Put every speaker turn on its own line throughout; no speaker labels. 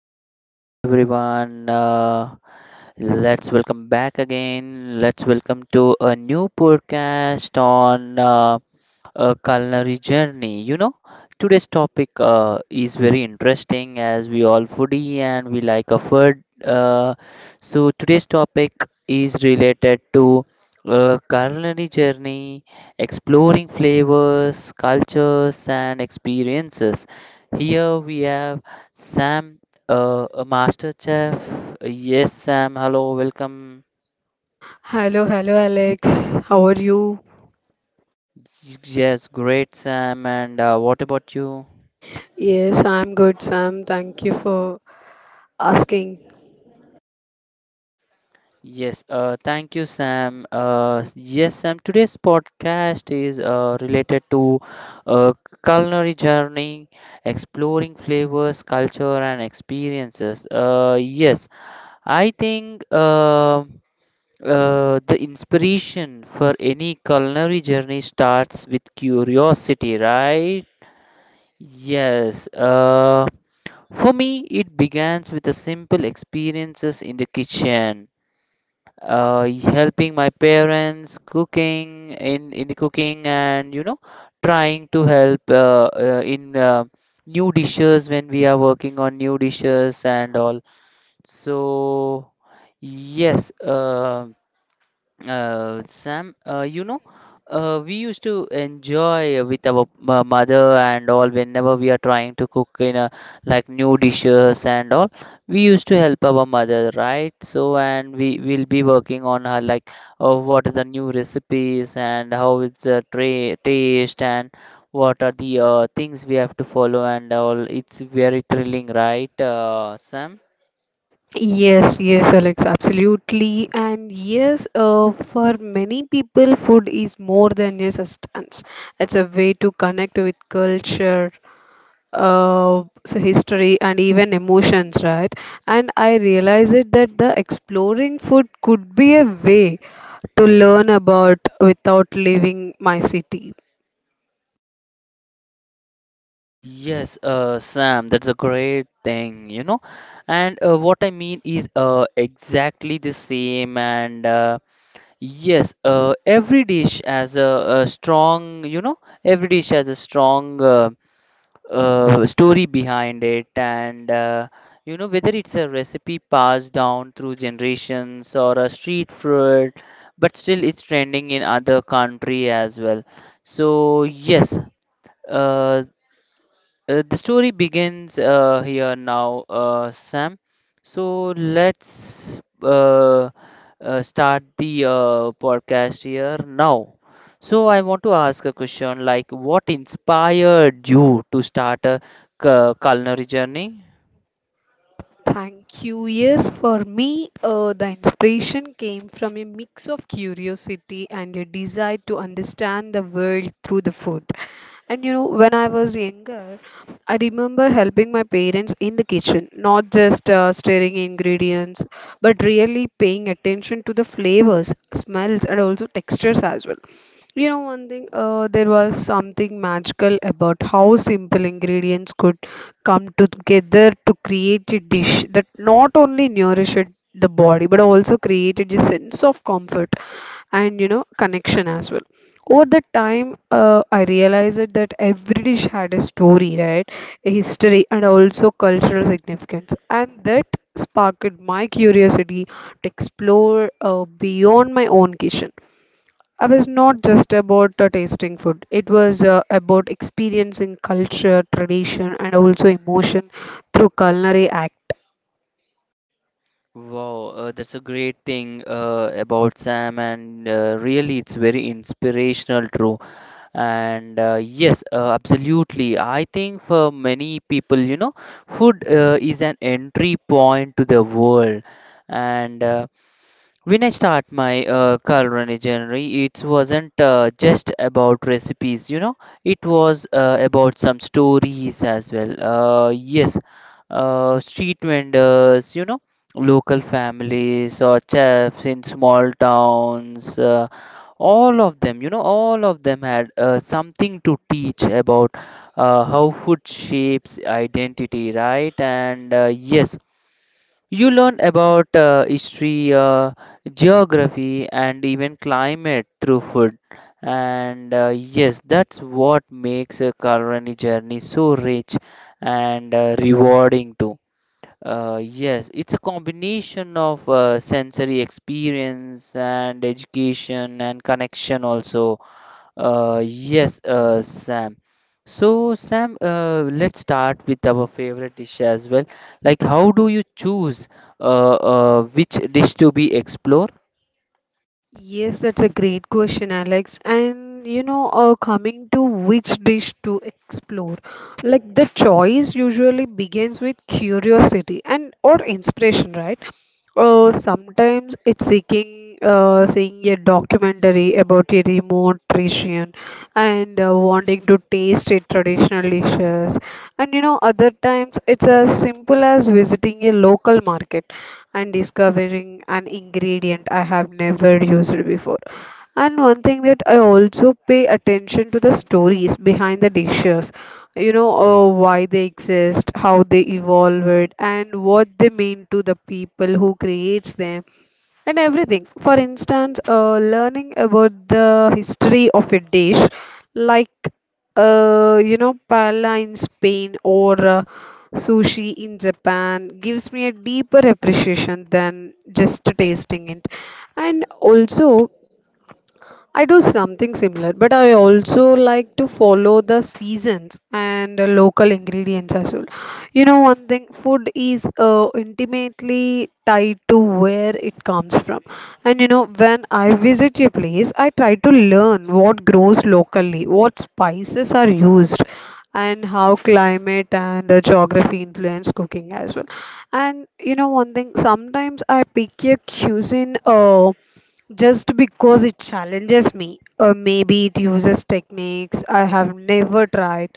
Hello everyone. Let's welcome back again. Let's welcome to a new podcast on a culinary journey. You know, today's topic is very interesting as we all foodie and we like a food. So today's topic is related to a culinary journey, exploring flavors, cultures, and experiences. Here we have Sam, a master chef. Yes, Sam. Hello, welcome.
Hello, hello, Alex. How are you?
Yes, great, Sam. And what about you?
Yes, I'm good, Sam. Thank you for asking.
Yes, thank you, Sam. Yes, Sam. Today's podcast is related to uh, culinary journey, exploring flavors, culture, and experiences. Yes, I think the inspiration for any culinary journey starts with curiosity, right? Yes, for me, it begins with the simple experiences in the kitchen, helping my parents cooking in the cooking, and you know, trying to help in new dishes when we are working on new dishes and all. So, yes, Sam, you know, we used to enjoy with our mother and all whenever we are trying to cook in a like new dishes and all. We used to help our mother, right? So, and we will be working on her like what are the new recipes and how it's tra taste and what are the things we have to follow and all. It's very thrilling, right, Sam?
Yes, yes, Alex, absolutely. And yes, for many people, food is more than a substance. It's a way to connect with culture, history, and even emotions, right? And I realized it that the exploring food could be a way to learn about without leaving my city.
Yes, Sam, that's a great thing, you know. And what I mean is exactly the same. And yes, every dish has a strong, you know, every dish has a strong story behind it. And you know, whether it's a recipe passed down through generations or a street food, but still it's trending in other country as well. So yes. uh, the story begins here now, Sam. So let's start the podcast here now. So I want to ask a question like, what inspired you to start a culinary journey?
Thank you. Yes, for me, the inspiration came from a mix of curiosity and a desire to understand the world through the food. And you know, when I was younger, I remember helping my parents in the kitchen, not just stirring ingredients, but really paying attention to the flavors, smells, and also textures as well. You know, one thing, there was something magical about how simple ingredients could come together to create a dish that not only nourished the body but also created a sense of comfort and you know connection as well over the time, I realized that every dish had a story, right, a history and also cultural significance, and that sparked my curiosity to explore beyond my own kitchen. I was not just about tasting food, it was about experiencing culture, tradition, and also emotion through culinary act.
Wow, that's a great thing about Sam, and really, it's very inspirational, true. And yes, absolutely. I think for many people, you know, food is an entry point to the world. And when I start my culinary journey, it wasn't just about recipes, you know, it was about some stories as well. Yes, street vendors, you know, local families or chefs in small towns, all of them, you know, all of them had something to teach about how food shapes identity, right? And yes. You learn about history, geography, and even climate through food. And yes, that's what makes a culinary journey so rich and rewarding too. Yes, it's a combination of sensory experience and education and connection also. Yes, Sam. So, Sam, let's start with our favorite dish as well. Like, how do you choose which dish to be explored?
Yes, that's a great question, Alex. And you know, coming to which dish to explore, like the choice usually begins with curiosity and or inspiration, right? Sometimes it's seeking seeing a documentary about a remote region and wanting to taste a traditional dishes. And you know, other times it's as simple as visiting a local market and discovering an ingredient I have never used before. And one thing that I also pay attention to the stories behind the dishes, you know, why they exist, how they evolved, and what they mean to the people who creates them and everything. For instance, learning about the history of a dish, like you know, paella in Spain or sushi in Japan, gives me a deeper appreciation than just tasting it. And also, I do something similar, but I also like to follow the seasons and local ingredients as well. You know, one thing, food is intimately tied to where it comes from. And you know, when I visit a place, I try to learn what grows locally, what spices are used, and how climate and geography influence cooking as well. And you know, one thing, sometimes I pick a cuisine. Just because it challenges me, or maybe it uses techniques I have never tried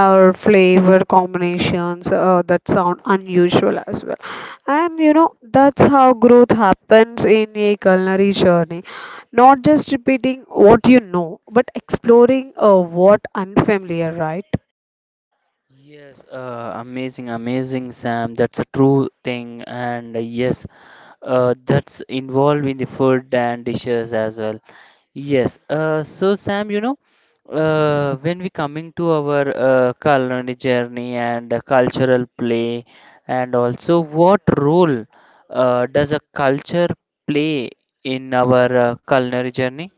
or flavor combinations that sound unusual as well. And you know, that's how growth happens in a culinary journey, not just repeating what you know but exploring what unfamiliar, right?
Yes, amazing, amazing, Sam. That's a true thing, and yes, that's involved in the food and dishes as well. Yes. So Sam, you know, when we coming to our culinary journey and cultural play, and also what role does a culture play in our culinary journey?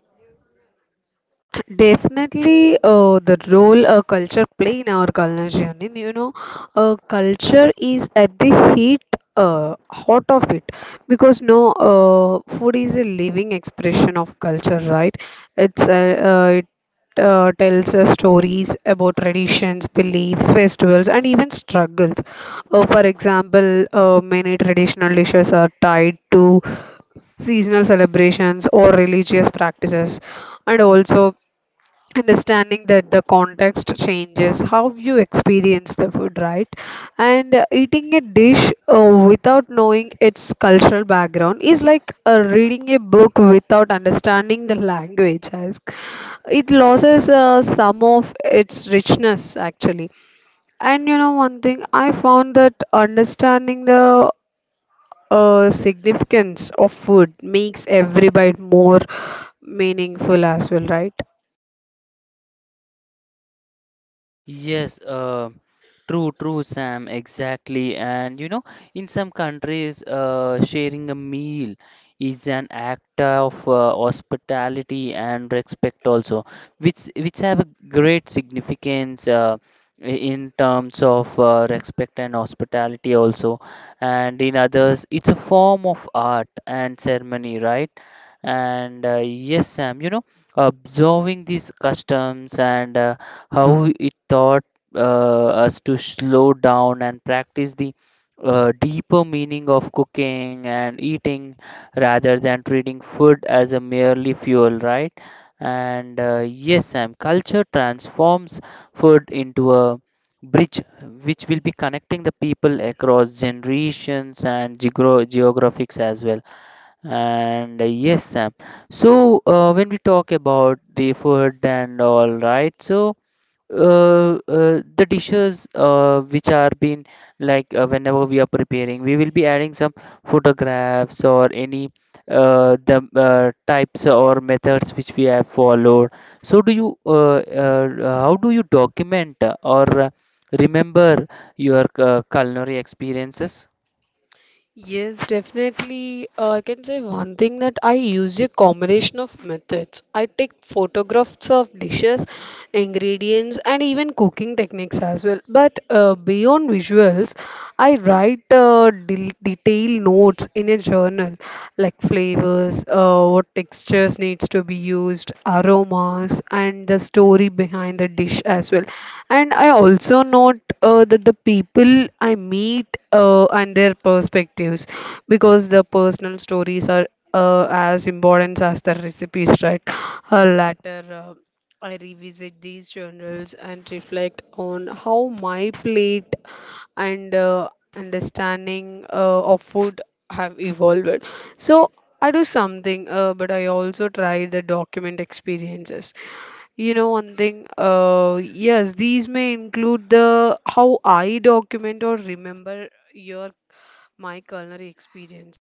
Definitely, the role a culture play in our colonization. And, you know, uh, culture is at the heat, uh, heart of it, because no, food is a living expression of culture, right? It tells stories about traditions, beliefs, festivals, and even struggles. For example, many traditional dishes are tied to seasonal celebrations or religious practices, and also understanding that the context changes how you experience the food, right? And eating a dish without knowing its cultural background is like reading a book without understanding the language, as it loses some of its richness, actually. And you know, one thing I found that understanding the significance of food makes every bite more meaningful as well, right?
Yes, true, true, Sam, exactly. And you know, in some countries, sharing a meal is an act of hospitality and respect also, which have a great significance in terms of respect and hospitality also. And in others, it's a form of art and ceremony, right? And yes, Sam, you know, observing these customs and how it taught us to slow down and practice the deeper meaning of cooking and eating rather than treating food as a merely fuel, right? And yes, Sam, culture transforms food into a bridge which will be connecting the people across generations and geographics as well. And yes, Sam. So when we talk about the food and all, right? So the dishes which are being like whenever we are preparing we will be adding some photographs or any the types or methods which we have followed, so do you how do you document or remember your culinary experiences?
Yes, definitely. I can say one thing that I use a combination of methods. I take photographs of dishes, ingredients, and even cooking techniques as well. But beyond visuals, I write detailed notes in a journal, like flavors, what textures needs to be used, aromas, and the story behind the dish as well. And I also note that the people I meet and their perspectives, because the personal stories are as important as the recipes, right? Later, I revisit these journals and reflect on how my plate and understanding of food have evolved. So, I do something, but I also try the document experiences. You know, one thing, yes, these may include the how I document or remember your my culinary experience.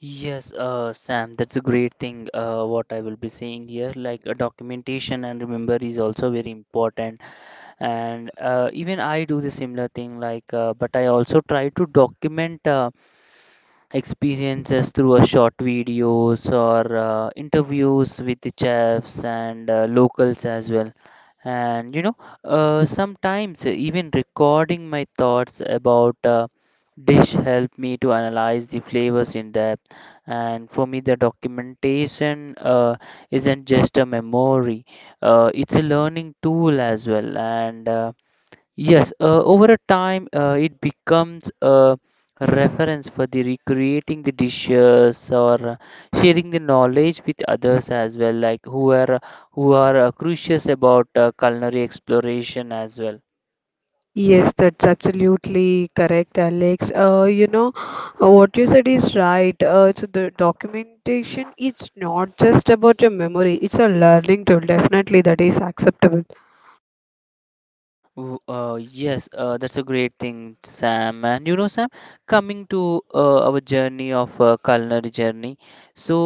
Yes, Sam, that's a great thing. What I will be saying here, like a documentation and remember is also very important, and even I do the similar thing like but I also try to document experiences through a short videos or interviews with the chefs and locals as well. And you know, sometimes even recording my thoughts about dish help me to analyze the flavors in depth. And for me the documentation isn't just a memory, it's a learning tool as well. And yes, over a time, it becomes a reference for the recreating the dishes or sharing the knowledge with others as well, like who are curious about culinary exploration as well.
Yes, that's absolutely correct, Alex. You know, what you said is right. So the documentation, it's not just about your memory, it's a learning tool. Definitely, that is acceptable.
Oh Uh, yes, that's a great thing, Sam. And you know, Sam, coming to our journey of culinary journey. So,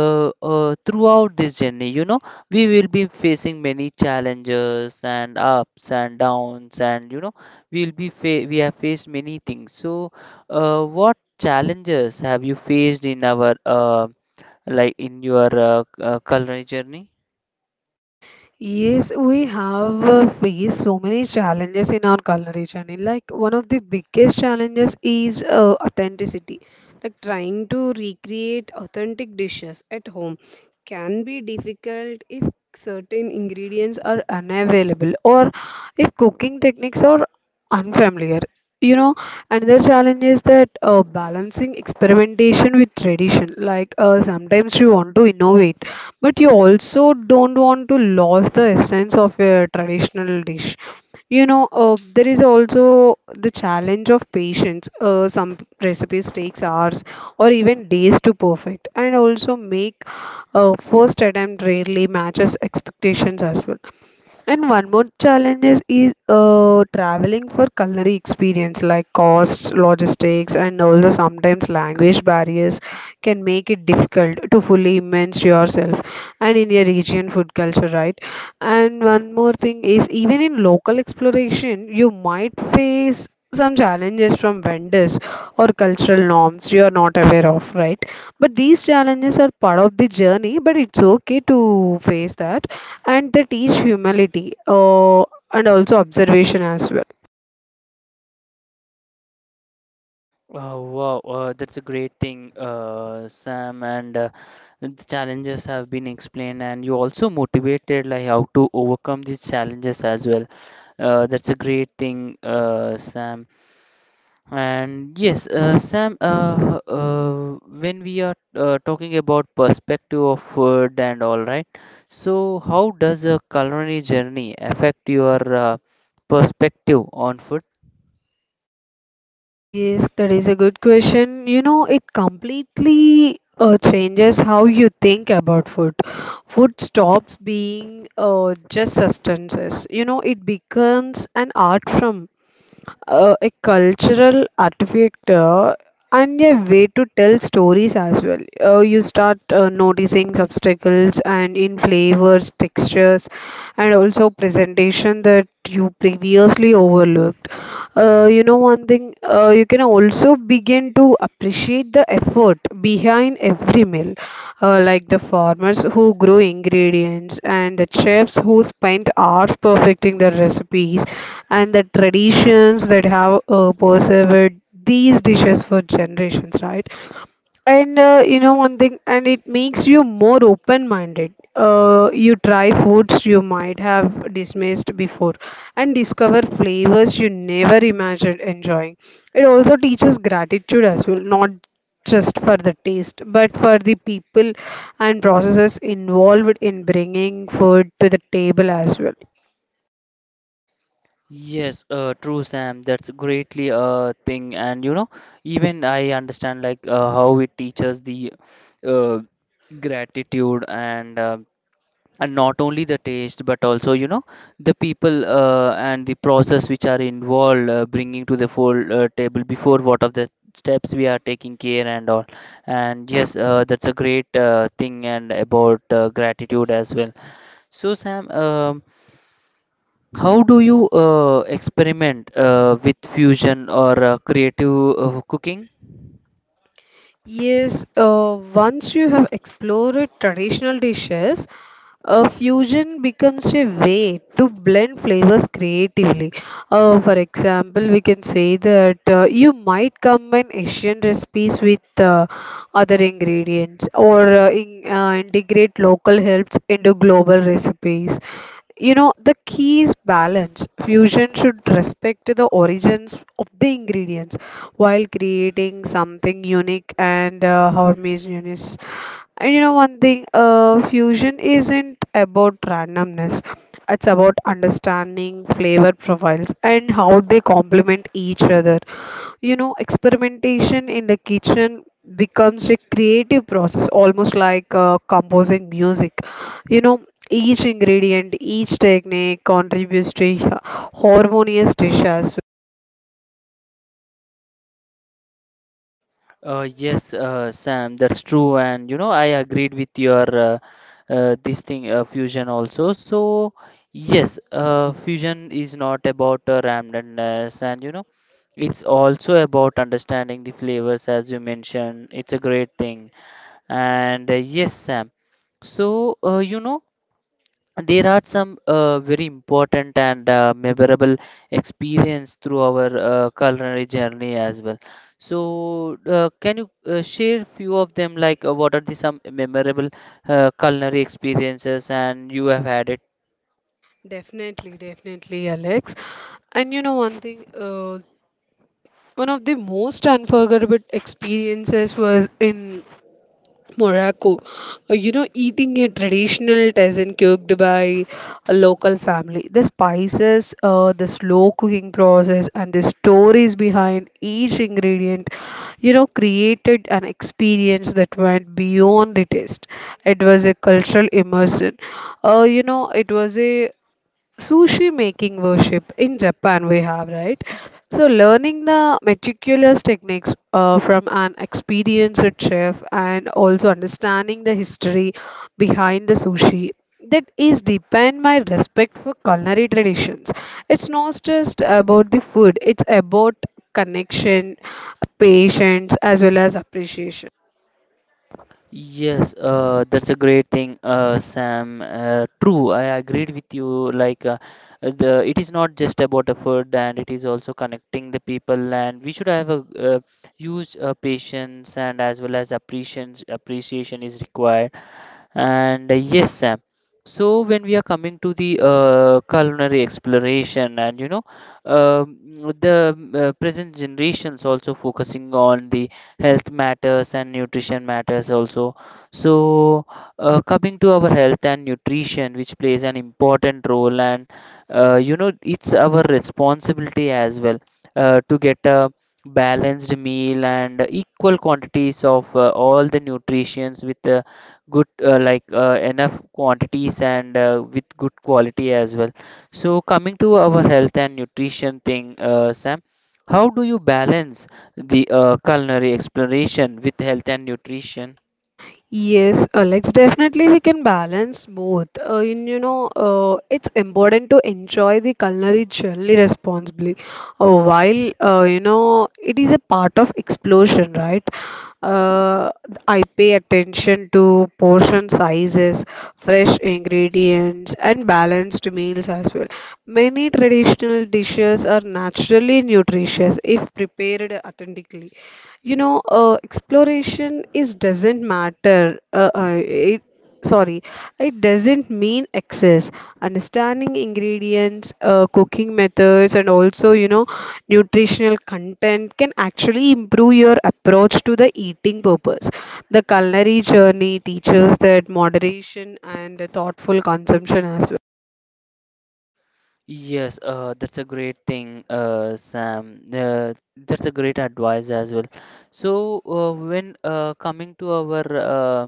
throughout this journey, you know, we will be facing many challenges and ups and downs, and you know, we have faced many things. So, what challenges have you faced in our like in your culinary journey?
Yes, we have faced so many challenges in our culinary journey. Like, one of the biggest challenges is authenticity. Like trying to recreate authentic dishes at home can be difficult if certain ingredients are unavailable or if cooking techniques are unfamiliar. You know, another challenge is that balancing experimentation with tradition. Like sometimes you want to innovate, but you also don't want to lose the essence of a traditional dish. You know, there is also the challenge of patience. Some recipes takes hours or even days to perfect, and also make first attempt rarely matches expectations as well. And one more challenges is traveling for culinary experience like costs, logistics, and also sometimes language barriers can make it difficult to fully immerse yourself and in your region food culture, right? And one more thing is even in local exploration, you might face some challenges from vendors or cultural norms you are not aware of, right? But these challenges are part of the journey, but it's okay to face that, and they teach humility and also observation as well.
Oh, wow, that's a great thing, Sam. And the challenges have been explained, and you also motivated like how to overcome these challenges as well. That's a great thing, Sam. And yes, Sam, when we are talking about perspective of food and all, right? So, how does a culinary journey affect your perspective on food?
Yes, that is a good question. You know, it completely changes how you think about food. Food stops being just sustenance. You know, it becomes an art form, a cultural artifact, and a way to tell stories as well. You start noticing obstacles and in flavors, textures, and also presentation that you previously overlooked. You know, one thing, you can also begin to appreciate the effort behind every meal, like the farmers who grow ingredients and the chefs who spend hours perfecting their recipes and the traditions that have persevered these dishes for generations, right? And you know, one thing, and it makes you more open-minded. You try foods you might have dismissed before and discover flavors you never imagined enjoying. It also teaches gratitude as well, not just for the taste, but for the people and processes involved in bringing food to the table as well.
Yes, true, Sam. That's greatly a thing, and you know, even I understand like how it teaches the uh, gratitude and not only the taste, but also you know the people and the process which are involved bringing to the full table before what of the steps we are taking care and all. And yes, that's a great thing and about gratitude as well. So, Sam. How do you experiment with fusion or creative cooking?
Yes, once you have explored traditional dishes, fusion becomes a way to blend flavors creatively. For example, we can say that you might combine Asian recipes with other ingredients or integrate local helps into global recipes. You know, the key is balance. Fusion should respect the origins of the ingredients while creating something unique and harmonious. And you know, one thing, fusion isn't about randomness. It's about understanding flavor profiles and how they complement each other. You know, experimentation in the kitchen becomes a creative process, almost like composing music. You know, each ingredient, each technique contributes to a harmonious dish as
Yes, Sam, that's true, and you know I agreed with your this thing fusion also. So yes, fusion is not about randomness, and you know it's also about understanding the flavors, as you mentioned. It's a great thing, and yes, Sam. So you know. There are some very important and memorable experience through our culinary journey as well. So, can you share few of them? Like, what are the some memorable culinary experiences and you have had it?
well. Definitely, definitely, Alex. And you know, one thing, one of the most unforgettable experiences was in Morocco, you know, eating a traditional tazin cooked by a local family. The spices, the slow cooking process, and the stories behind each ingredient, you know, created an experience that went beyond the taste. It was a cultural immersion. You know, it was a sushi making worship in Japan we have, right? So learning the meticulous techniques from an experienced chef and also understanding the history behind the sushi, that is deepen my respect for culinary traditions. It's not just about the food, it's about connection, patience, as well as appreciation.
Yes, that's a great thing, Sam. True, I agreed with you. Like, the it is not just about a food, and it is also connecting the people. And we should have a huge patience, and as well as appreciation. Appreciation is required, and yes, Sam. So when we are coming to the culinary exploration, and you know, um, the present generations also focusing on the health matters and nutrition matters also. So coming to our health and nutrition, which plays an important role, and you know, it's our responsibility as well to get a balanced meal and equal quantities of all the nutrients with good, like enough quantities and with good quality as well. So coming to our health and nutrition thing, Sam, how do you balance the culinary exploration with health and nutrition?
Yes, Alex, definitely we can balance both. You know, it's important to enjoy the culinary journey responsibly. While, you know, it is a part of explosion, right? Uh, I pay attention to portion sizes, fresh ingredients, and balanced meals as well. Many traditions traditional dishes are naturally nutritious if prepared authentically. You know, exploration is doesn't matter. Sorry, it doesn't mean excess. Understanding ingredients, cooking methods, and also you know, nutritional content can actually improve your approach to the eating purpose. The culinary journey teaches that moderation and thoughtful consumption as well.
Yes, that's a great thing, Sam. That's a great advice as well. So, when coming to our uh,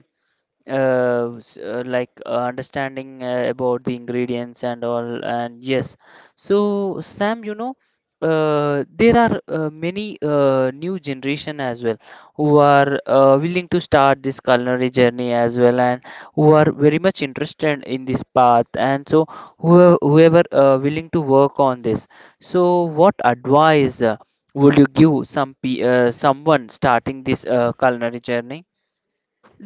s- uh, like understanding about the ingredients and all, and yes. So Sam, you know, there are many new generation as well who are willing to start this culinary journey as well, and who are very much interested in this path, and so whoever willing to work on this, so what advice would you give someone starting this culinary journey?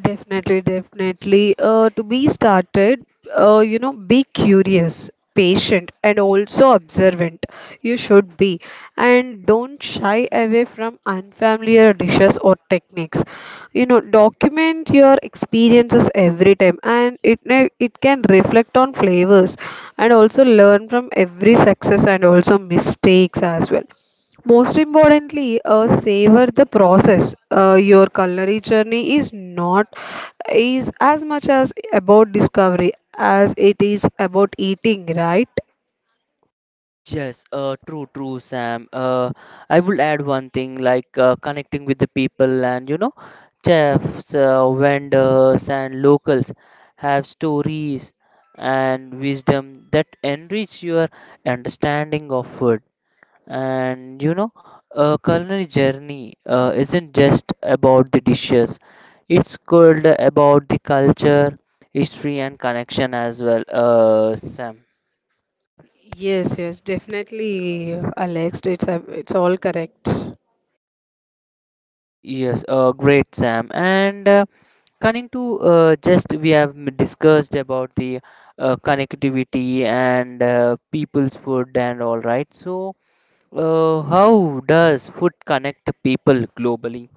Definitely, definitely. To be started, you know, be curious, patient, and also observant. You should be. And don't shy away from unfamiliar dishes or techniques. You know, document your experiences every time, and it can reflect on flavors and also learn from every success and also mistakes as well. Most importantly, savor the process. Your culinary journey is not is as much as about discovery as it is about eating, right?
Yes, true, true, Sam. I would add one thing like connecting with the people, and you know, chefs, vendors, and locals have stories and wisdom that enrich your understanding of food. And you know, a culinary journey isn't just about the dishes, it's called about the culture, history, and connection as well, Sam.
Yes, yes, definitely, Alex. It's all correct.
Yes, great, Sam. And coming to Just we have discussed about the connectivity and people's food and all right. So, how does food connect people globally?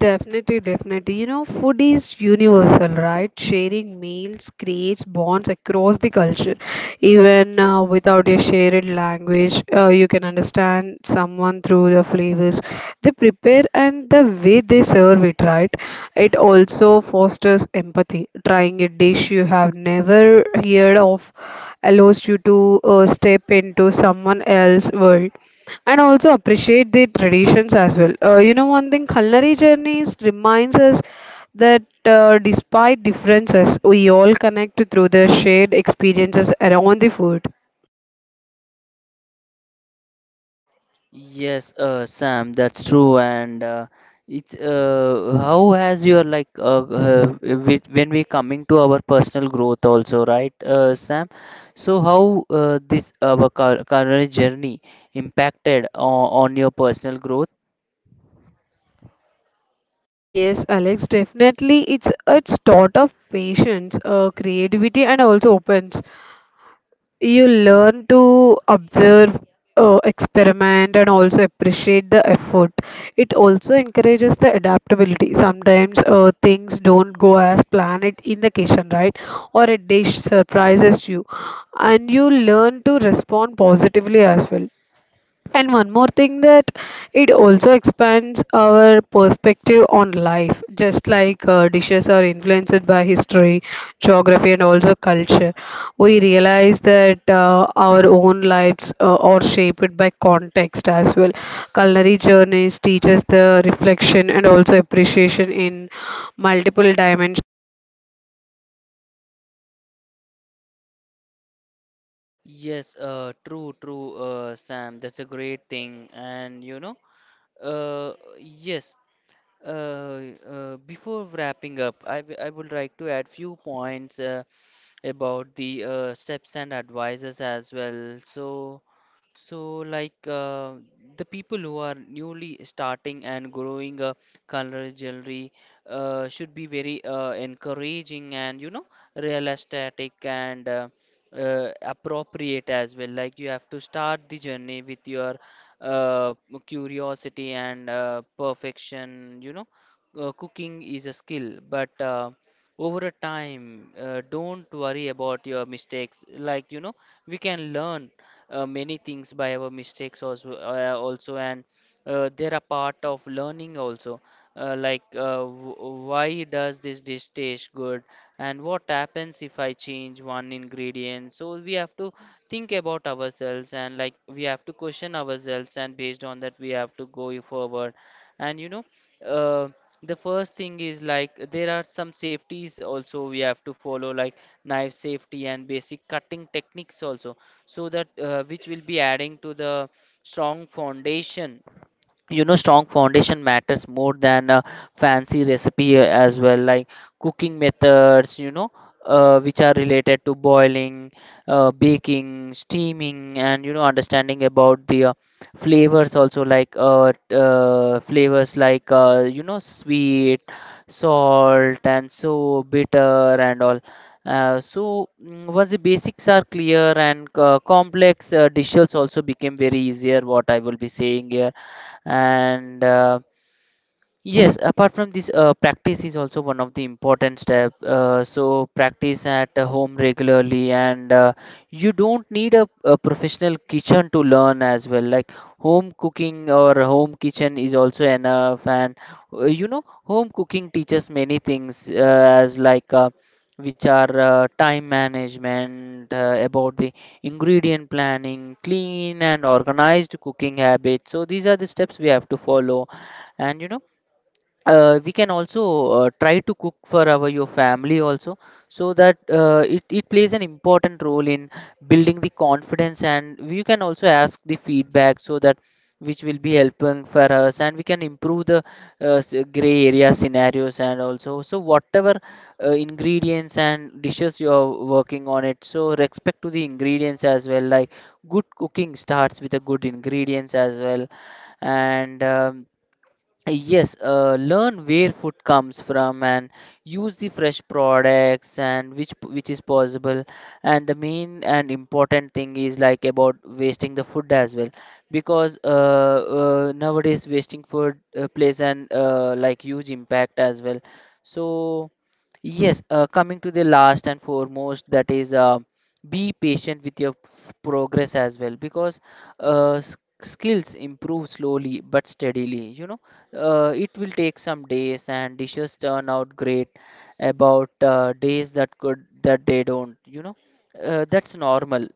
Definitely, definitely. You know, food is universal, right? Sharing meals creates bonds across the culture. Even without a shared language, you can understand someone through the flavors they prepare and the way they serve it, right? It also fosters empathy. Trying a dish you have never heard of allows you to step into someone else's world and also appreciate the traditions as well. You know, one thing, culinary journeys reminds us that despite differences, we all connect through the shared experiences around the food.
Yes, Sam, that's true. And it's how has your when we coming to our personal growth also, right, Sam? So how this our current journey impacted on your personal growth?
Yes, Alex, definitely, it's taught of patience, creativity, and also opens. You learn to observe, experiment, and also appreciate the effort. It also encourages the adaptability. Sometimes things don't go as planned it in the kitchen, right? Or a dish surprises you, and you learn to respond positively as well. And one more thing that it also expands our perspective on life, just like dishes are influenced by history, geography, and also culture. We realize that our own lives are shaped by context as well. Culinary journeys teach us the reflection and also appreciation in multiple dimensions.
Yes, true, true, Sam. That's a great thing. And you know, uh, yes, before wrapping up, I would like to add few points. About the steps and advices as well. So, the people who are newly starting and growing a color jewelry should be very encouraging and you know realistic and appropriate as well. Like you have to start the journey with your uh, curiosity and perfection. Cooking is a skill, but over a time, don't worry about your mistakes. Like, you know, we can learn many things by our mistakes also, also, and they're a part of learning also. Uh, like, uh, w- why does this dish taste good? And what happens if I change one ingredient? So we have to think about ourselves, and like we have to question ourselves, and based on that, we have to go forward. And you know uh, the first thing is, like, there are some safeties also we have to follow, like knife safety and basic cutting techniques also, so that which will be adding to the strong foundation. You know, strong foundation matters more than a fancy recipe as well, like cooking methods, you know, which are related to boiling, baking, steaming, and you know, understanding about the flavors also, like flavors like, you know, sweet, salt, and so bitter and all. Once the basics are clear, and complex dishes also became very easier, what I will be saying here. And Yes, apart from this, practice is also one of the important step. So practice at home regularly, and you don't need a professional kitchen to learn as well. Like home cooking or home kitchen is also enough, and you know, home cooking teaches many things as like which are time management, about the ingredient planning, clean and organized cooking habits. So these are the steps we have to follow, and you know we can also try to cook for our your family also, so that it plays an important role in building the confidence, and you can also ask the feedback, so that which will be helping for us, and we can improve the gray area scenarios and also. So whatever ingredients and dishes you are working on it, so respect to the ingredients as well, like good cooking starts with a good ingredients as well. And Yes, learn where food comes from and use the fresh products which is possible. And the main and important thing is like about wasting the food as well, because nowadays wasting food plays an like huge impact as well. So yes, coming to the last and foremost, that is be patient with your progress as well, because uh, s- skills improve slowly but steadily. You know, it will take some days, and dishes turn out great, about days that could that they don't. You know, that's normal.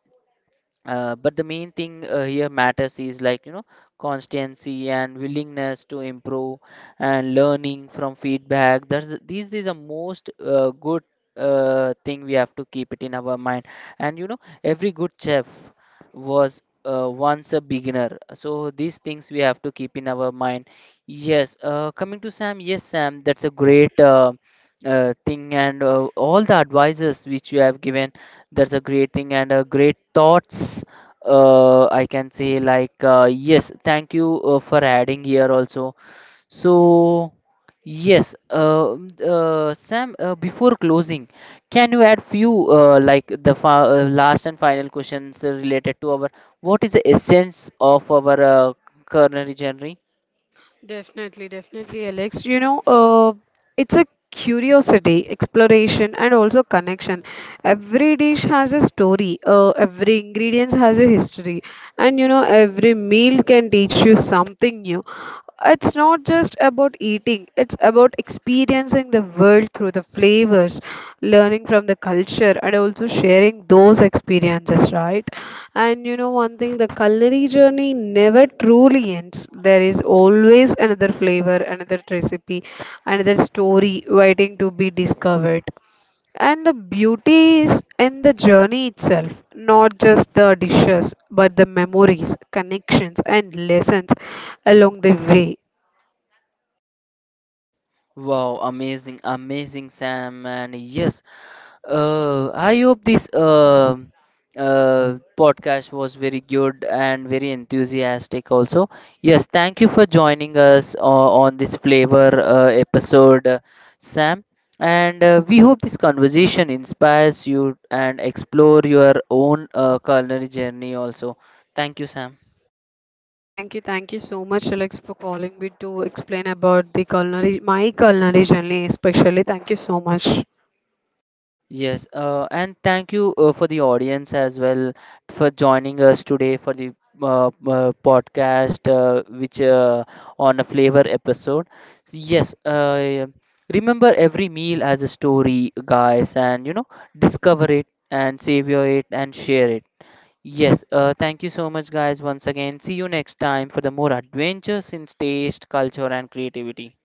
But the main thing here matters is, like, you know, constancy and willingness to improve and learning from feedback. That's these is the most good thing we have to keep it in our mind. And you know, every good chef was once a beginner. So these things we have to keep in our mind. Yes. Coming to Sam. Yes, Sam. That's a great. Thing, and all the advices which you have given, that's a great thing and a great thoughts. I can say, like, yes, thank you for adding here also. So yes, Sam. Before closing, can you add few like the fa last and final questions related to our, what is the essence of our culinary journey?
Definitely, definitely, Alex. You know, it's a curiosity, exploration, and also connection. Every dish has a story. Every ingredient has a history, and you know, every meal can teach you something new. It's not just about eating, it's about experiencing the world through the flavors, learning from the culture, and also sharing those experiences, right? And you know, one thing, the culinary journey never truly ends. There is always another flavor, another recipe, another story waiting to be discovered. And the beauty is in the journey itself, not just the dishes, but the memories, connections, and lessons along the way.
Wow, amazing, amazing, Sam. And yes, I hope this podcast was very good and very enthusiastic also. Yes, thank you for joining us on this flavor episode, Sam. And we hope this conversation inspires you and explore your own culinary journey also. Thank you, Sam.
Thank you so much, Alex, for calling me to explain about the culinary, my culinary journey, especially. Thank you so much.
Yes, and thank you for the audience as well for joining us today for the podcast, which on a flavor episode. Yes, remember every meal as a story, guys, and you know, discover it and savor it and share it. Yes, thank you so much, guys, once again. See you next time for the more adventures in taste, culture, and creativity.